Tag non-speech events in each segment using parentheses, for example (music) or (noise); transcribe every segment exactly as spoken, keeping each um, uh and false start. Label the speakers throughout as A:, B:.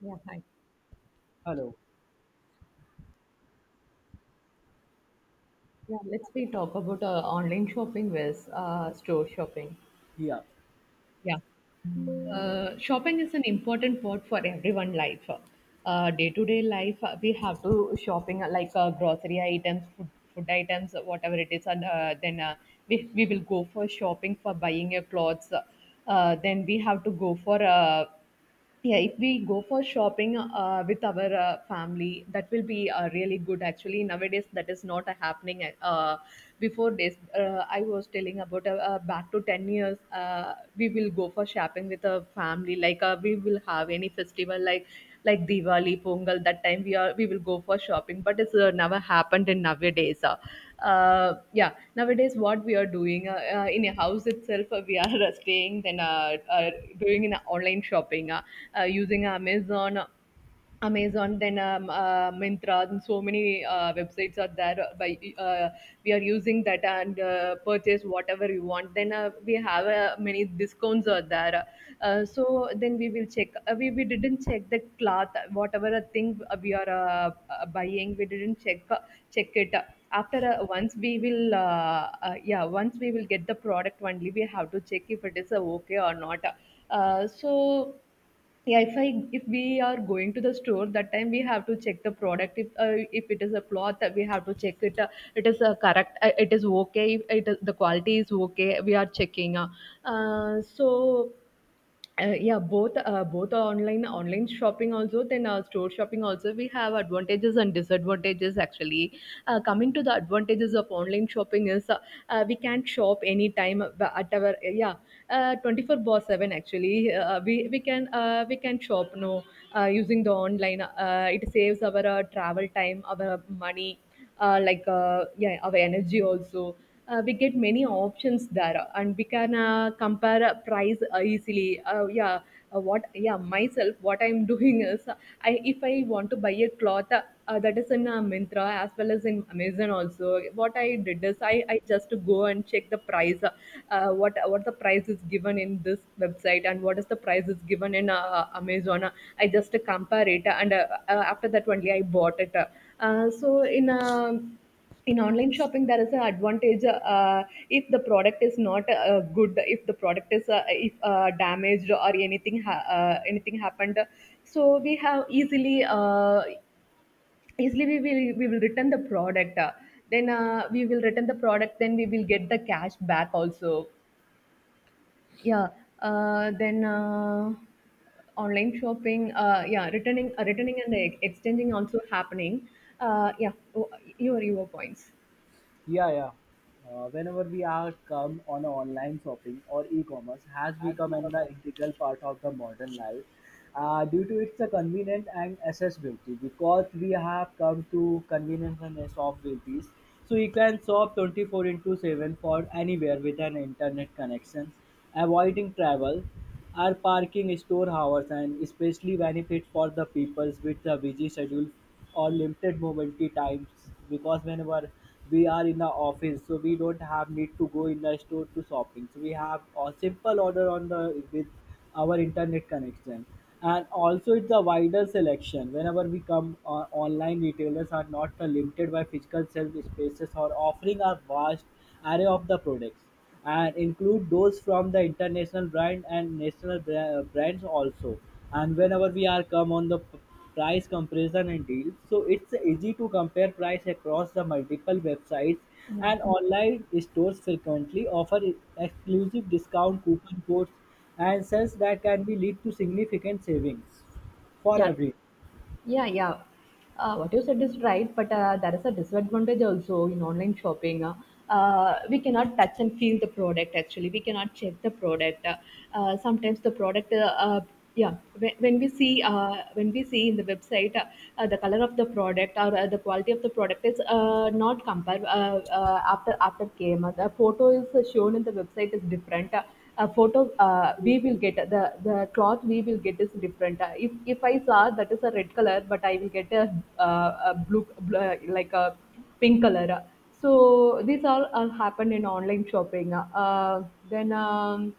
A: Yeah, hi.
B: Hello.
A: Yeah, let's we talk about uh, online shopping versus uh, store shopping.
B: Yeah,
A: Yeah, uh, shopping is an important part for everyone life. Uh, day-to-day life, uh, we have to shopping uh, like uh, grocery items, food, food items, uh, whatever it is, and uh, then uh, we we will go for shopping for buying your clothes. Uh, then we have to go for uh, Yeah, if we go for shopping uh, with our uh, family, that will be uh, really good. Actually, nowadays that is not uh, happening. Uh, before this, uh, I was telling about uh, uh, back to ten years. Uh, we will go for shopping with a family. Like uh, we will have any festival like like Diwali, Pongal. That time we are we will go for shopping, but it's uh, never happened in nowadays. Uh, uh, yeah, nowadays what we are doing uh, uh, in a house itself, uh, we are (laughs) staying then uh, uh, doing an online shopping, uh, uh, using Amazon uh, Amazon, then um, uh, Myntra, and so many uh, websites are there. Uh, By uh, we are using that and uh, purchase whatever you want. Then uh, we have uh, many discounts are there. Uh, so then we will check. Uh, we we didn't check the cloth, whatever a thing uh, we are uh, uh, buying. We didn't check uh, check it. After uh, once we will uh, uh, yeah, once we will get the product only we have to check if it is uh, okay or not. Uh, so yeah, if i if we are going to the store, that time we have to check the product. If uh, if it is a cloth uh, we have to check it uh, it is uh, correct, uh, it is okay, if it is, the quality is okay we are checking. Uh, uh, so uh, yeah, both uh, both online online shopping also, then uh, store shopping also, we have advantages and disadvantages actually. Uh, coming to the advantages of online shopping is uh, uh, we can shop anytime uh, at our uh, yeah, uh, twenty-four seven actually. uh, we we can uh, we can shop, no? Uh, using the online, uh, it saves our uh, travel time, our money, uh, like uh, yeah, our energy also. Uh, we get many options there, and we can uh, compare uh, price uh, easily, uh, yeah. uh, what yeah myself, what I'm (laughs) doing is uh, I if I want to buy a cloth uh, uh, that is in uh, Myntra as well as in Amazon also. What I did is I, I just go and check the price, uh, uh, what what the price is given in this website and what is the price is given in uh, Amazon. I just compare it and uh, uh, after that only I bought it. Uh, uh, so, in a in online shopping there is an advantage. Uh, if the product is not uh, good, if the product is uh, if uh, damaged or anything ha- uh, anything happened, so we have easily, uh, easily we will we will return the product. Uh, then uh, we will return the product, then we will get the cash back also. Yeah. Uh, then uh, online shopping. Uh, yeah, returning, uh, returning and ex- exchanging also happening. Uh, yeah. Oh, you your points.
B: yeah, yeah. Uh, whenever we are come on online shopping or e-commerce has become an the integral part of the modern life uh, due to its uh, convenience and accessibility, because we have come to convenience and accessibility, so you can shop twenty four by seven for anywhere with an internet connection, avoiding travel or parking store hours, and especially benefit for the peoples with a busy schedule or limited mobility times, because whenever we are in the office so we don't have need to go in the store to shopping, so we have a simple order on the with our internet connection. And also it's a wider selection. Whenever we come, uh, online retailers are not uh, limited by physical shelf spaces or offering a vast array of the products, and include those from the international brand and national bra- brands also. And whenever we are come on the p- price comparison and deals, so it's easy to compare price across the multiple websites,
A: Yeah.
B: and online stores frequently offer e-, exclusive discount coupon codes and sales that can be lead to significant savings for
A: Yeah.
B: everyone.
A: Yeah, yeah. Uh, what you said is right, but uh, there is a disadvantage also in online shopping. Uh, uh, we cannot touch and feel the product actually. We cannot check the product. Uh, uh, sometimes the product, uh, uh, yeah, when, when we see, uh, when we see in the website, uh, uh, the color of the product or uh, the quality of the product is uh, not compare, uh, uh, after after came. Uh, the photo is shown in the website is different. Uh, a photo, uh, we will get, the the cloth we will get is different. uh, if if i saw that is a red color, but I will get a, uh, a blue bl- like a pink color. So these all uh, happen in online shopping. Uh, then um,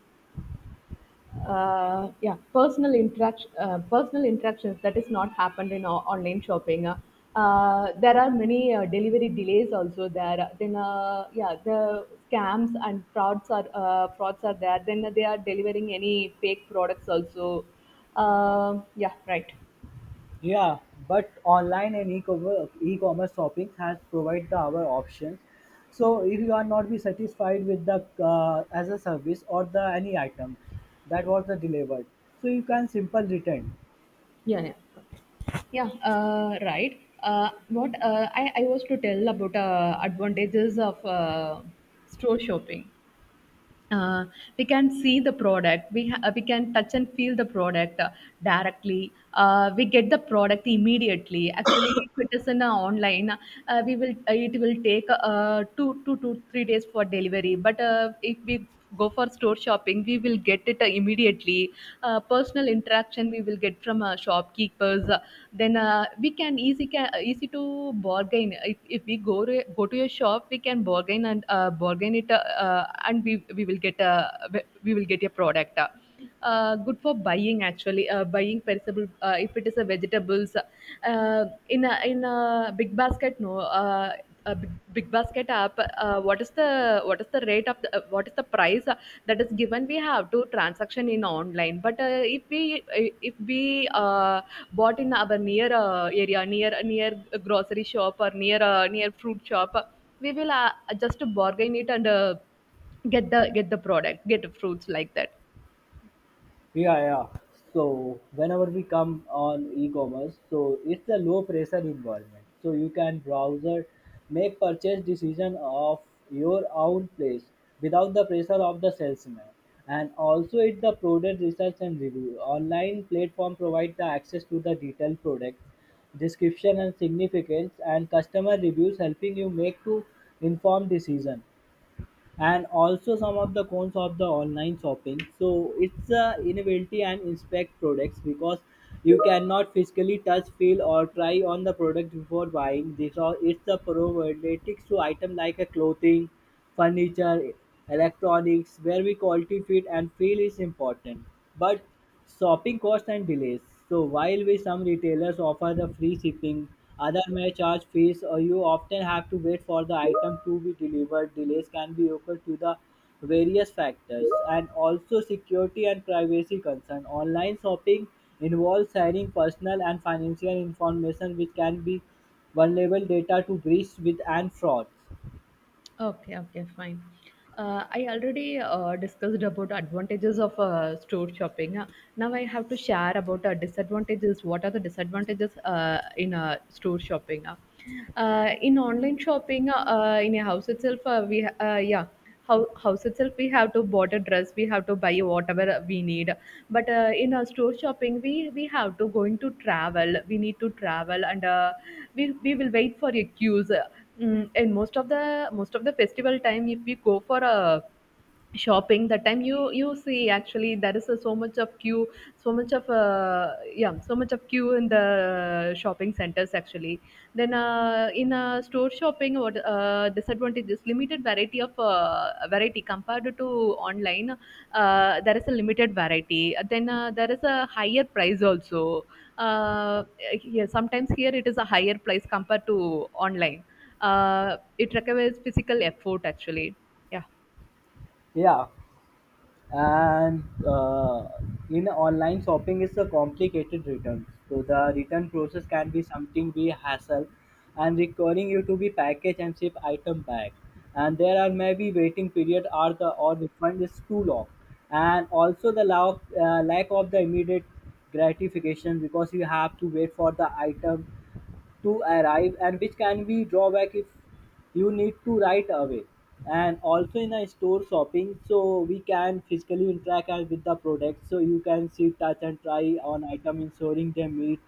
A: uh, Yeah, personal interaction, uh, personal interactions that is not happened in o- online shopping. Uh, uh, there are many uh, delivery delays also there. Then uh, yeah, the scams and frauds are, uh, frauds are there. Then they are delivering any fake products also. Uh, yeah, right.
B: Yeah, but online and e-commerce, e-commerce shopping has provide the our options. So if you are not be satisfied with the uh, as a service or the any item that was the delivered, so you can simple return.
A: Yeah, yeah. Okay. Yeah, uh, right. Uh, what uh, I, I was to tell about uh, advantages of uh, store shopping. uh, we can see the product, we ha- we can touch and feel the product uh, directly. Uh, we get the product immediately actually, if it is in uh, online, uh, we will, uh, it will take uh, two two to three days for delivery. But uh, if we go for store shopping, we will get it uh, immediately. Uh, personal interaction we will get from uh, shopkeepers. Uh, then uh, we can easy can easy to bargain. If, if we go to, go to a shop, we can bargain and, uh, bargain it. Uh, uh, And we, we will get a, we will get a product uh, good for buying. Actually, uh, buying perishable, uh, if it is a vegetables, uh, in a in a big basket, no, uh, a big, big basket app, uh, what is the, what is the rate of the, uh, what is the price uh, that is given, we have to transaction in online. But uh, if we uh, if we uh, bought in our near uh, area, near near grocery shop or near, uh, near fruit shop, uh, we will, uh, just bargain it and uh, get the get the product, get the fruits like that.
B: Yeah, yeah. So whenever we come on e-commerce, so it's a low pressure environment. So you can browser, make purchase decision of your own place without the pressure of the salesman. And also it's the product research and review. Online platform provide the access to the detailed product description and significance and customer reviews, helping you make to informed decision. And also some of the cons of the online shopping, so it's a inability and inspect products, because you cannot physically touch feel or try on the product before buying this, or it's a probabilities to item like a clothing, furniture, electronics, where we quality fit and feel is important. But shopping costs and delays. So while we some retailers offer the free shipping, other may charge fees or you often have to wait for the item to be delivered. Delays can be occurred to the various factors. And also security and privacy concern. Online shopping involves sharing personal and financial information, which can be vulnerable data to breach with and frauds.
A: Okay, okay, fine. Uh, I already uh, discussed about advantages of uh, store shopping. Uh, Now I have to share about uh, disadvantages. What are the disadvantages uh, in uh, store shopping? Uh, uh, in online shopping, uh, uh, in a house itself, uh, we ha- uh, yeah, hou- house itself we have to bought a dress, we have to buy whatever we need. But uh, in our store shopping, we we have to going to travel, we need to travel. And uh, we we will wait for a queues. Mm, in most of the most of the festival time, if we go for a shopping, that time you you see actually there is a, so much of queue, so much of, uh, yeah, so much of queue in the shopping centers actually. Then uh, in uh, store shopping, what uh, disadvantage is limited variety of, uh, variety compared to online. Uh, there is a limited variety. Then uh, there is a higher price also. uh, yeah, sometimes here it is a higher price compared to online. Uh, it requires physical effort actually.
B: Yeah. And uh, in online shopping is a complicated return, so the return process can be something be hassle, and requiring you to be package and ship item back, and there are maybe waiting period or the or refund is too long. And also the lack, uh, lack of the immediate gratification, because you have to wait for the item to arrive, and which can be drawback if you need to right away. And also in a store shopping, so we can physically interact and with the products, so you can see touch and try on item, ensuring they meet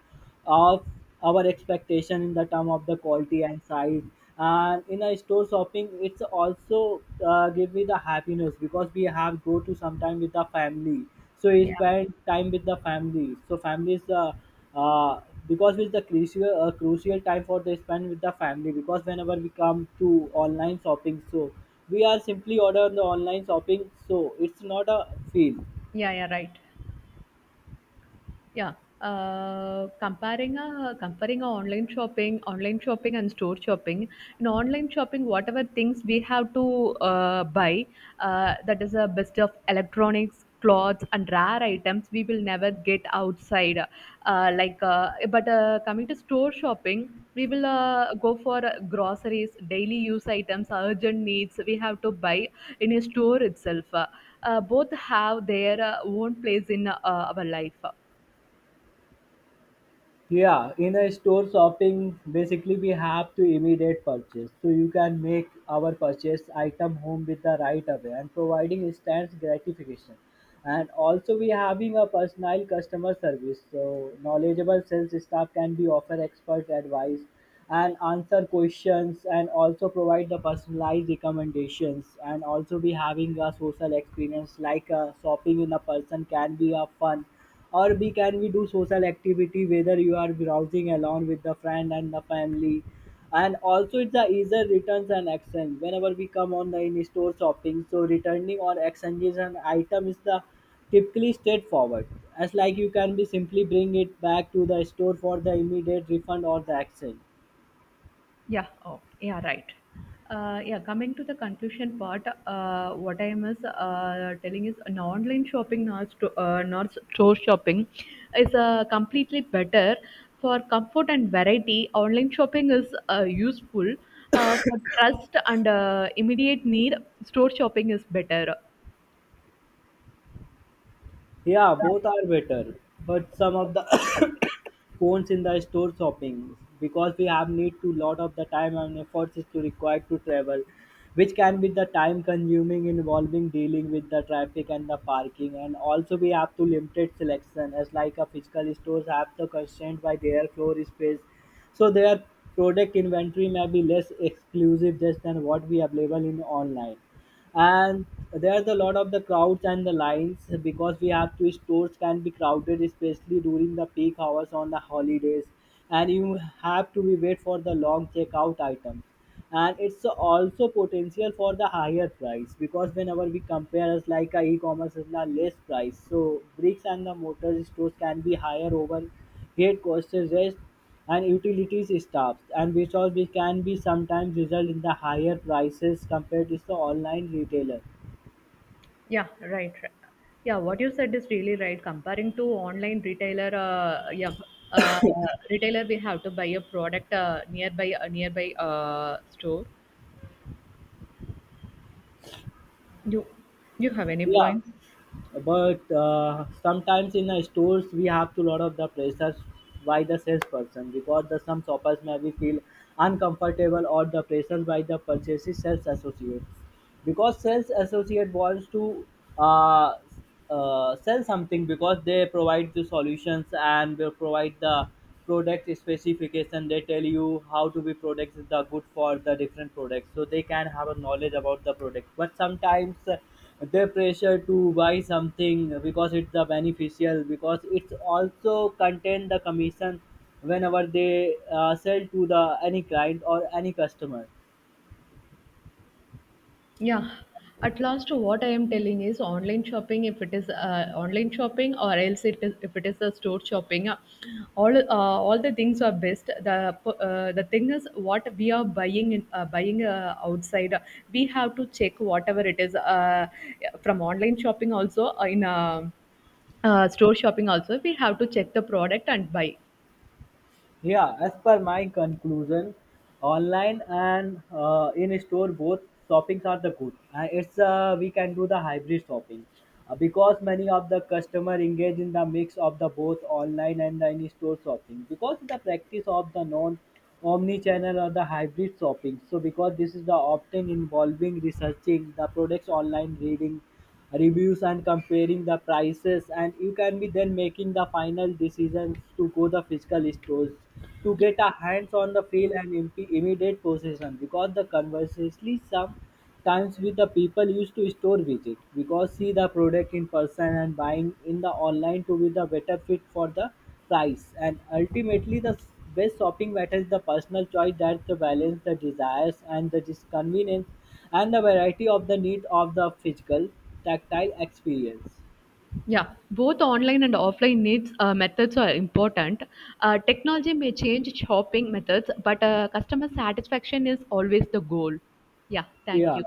B: of our expectation in the term of the quality and size. And in a store shopping, it's also uh, give me the happiness, because we have go to sometime with the family, so we
A: Yeah.
B: spend time with the family, so family is the uh, because it's the crucial uh, crucial time for the spend with the family, because whenever we come to online shopping, so we are simply order the online shopping, so it's not a feel.
A: Yeah, yeah, right. Yeah. Uh, comparing a comparing a online shopping, online shopping and store shopping. In online shopping, whatever things we have to uh, buy, uh, that is a best of electronics, clothes, and rare items we will never get outside. Uh, like, uh, but uh, coming to store shopping, we will uh, go for groceries, daily use items, urgent needs. We have to buy in a store itself. Uh, both have their uh, own place in uh, our life.
B: Yeah, in a store shopping, basically we have to immediate purchase. So you can make our purchase item home with the right away and providing instant gratification. And also we having a personal customer service. So knowledgeable sales staff can be offer expert advice and answer questions, and also provide the personalized recommendations. And also be having a social experience, like uh, shopping in a person can be a fun, or we can we do social activity whether you are browsing along with the friend and the family. And also it's the easier returns and exchange. Whenever we come on the in-store shopping, so returning or exchanges an item is the typically straightforward. As like you can be simply bring it back to the store for the immediate refund or the exchange.
A: Yeah. Oh, yeah, right. Uh, yeah, coming to the conclusion part, uh, what I am is uh, telling is an online shopping, not, sto- uh, not store shopping, is uh, completely better for comfort and variety. Online shopping is uh, useful uh, for trust and uh, immediate need. Store shopping is better.
B: Yeah, both are better, but some of the (coughs) phones in the store shopping, because we have need to lot of the time and efforts is to required to travel, which can be the time consuming involving dealing with the traffic and the parking. And also we have to limited selection, as like a physical stores have the constraint by their floor space, so their product inventory may be less exclusive just than what we available in online. And there's a lot of the crowds and the lines, because we have to stores can be crowded, especially during the peak hours on the holidays, and you have to be wait for the long checkout items. And it's also potential for the higher price, because whenever we compare us like a e-commerce is the less price, so bricks and the mortar stores can be higher over head costs rest and utilities staff, and because we can be sometimes result in the higher prices compared to the online retailer.
A: Yeah, right. Right. Yeah, what you said is really right. Comparing to online retailer, uh, yeah, uh, retailer we have to buy a product uh, nearby, a nearby uh, store. You, you have any points?
B: Yeah, but uh, sometimes in the stores we have to lot of the pressures by the salesperson, because the some shoppers maybe feel uncomfortable or the pressures by the purchasing sales associate, because sales associate wants to uh, uh, sell something, because they provide the solutions and will provide the product specification. They tell you how to be products is the good for the different products, so they can have a knowledge about the product. But sometimes uh, they pressure to buy something, because it's the beneficial, because it's also contain the commission whenever they uh, sell to the any client or any customer.
A: Yeah, at last, what I am telling is online shopping. If it is uh, online shopping, or else it is if it is a store shopping, uh, all uh, all the things are best. The uh, the thing is what we are buying in, uh, buying, uh, outside. We have to check whatever it is, uh, from online shopping also, uh, in uh, uh, store shopping also. We have to check the product and buy.
B: Yeah, as per my conclusion, online and uh, in store both shoppings are the good. Uh, it's uh, We can do the hybrid shopping, uh, because many of the customer engage in the mix of the both online and the in store shopping, because the practice of the known Omni-channel or the hybrid shopping. So because this is the often involving researching the products online, reading reviews and comparing the prices, and you can be then making the final decisions to go the physical stores to get a hands on the feel and imp- immediate possession, because the conversely some times with the people used to store visit, because see the product in person and buying in the online to be the better fit for the price. And ultimately the best shopping matters the personal choice, that the balance the desires and the disconvenience and the variety of the need of the physical tactile experience.
A: Yeah, both online and offline needs uh, methods are important. Uh, technology may change shopping methods, but uh, customer satisfaction is always the goal. Yeah, thank
B: Yeah.
A: you.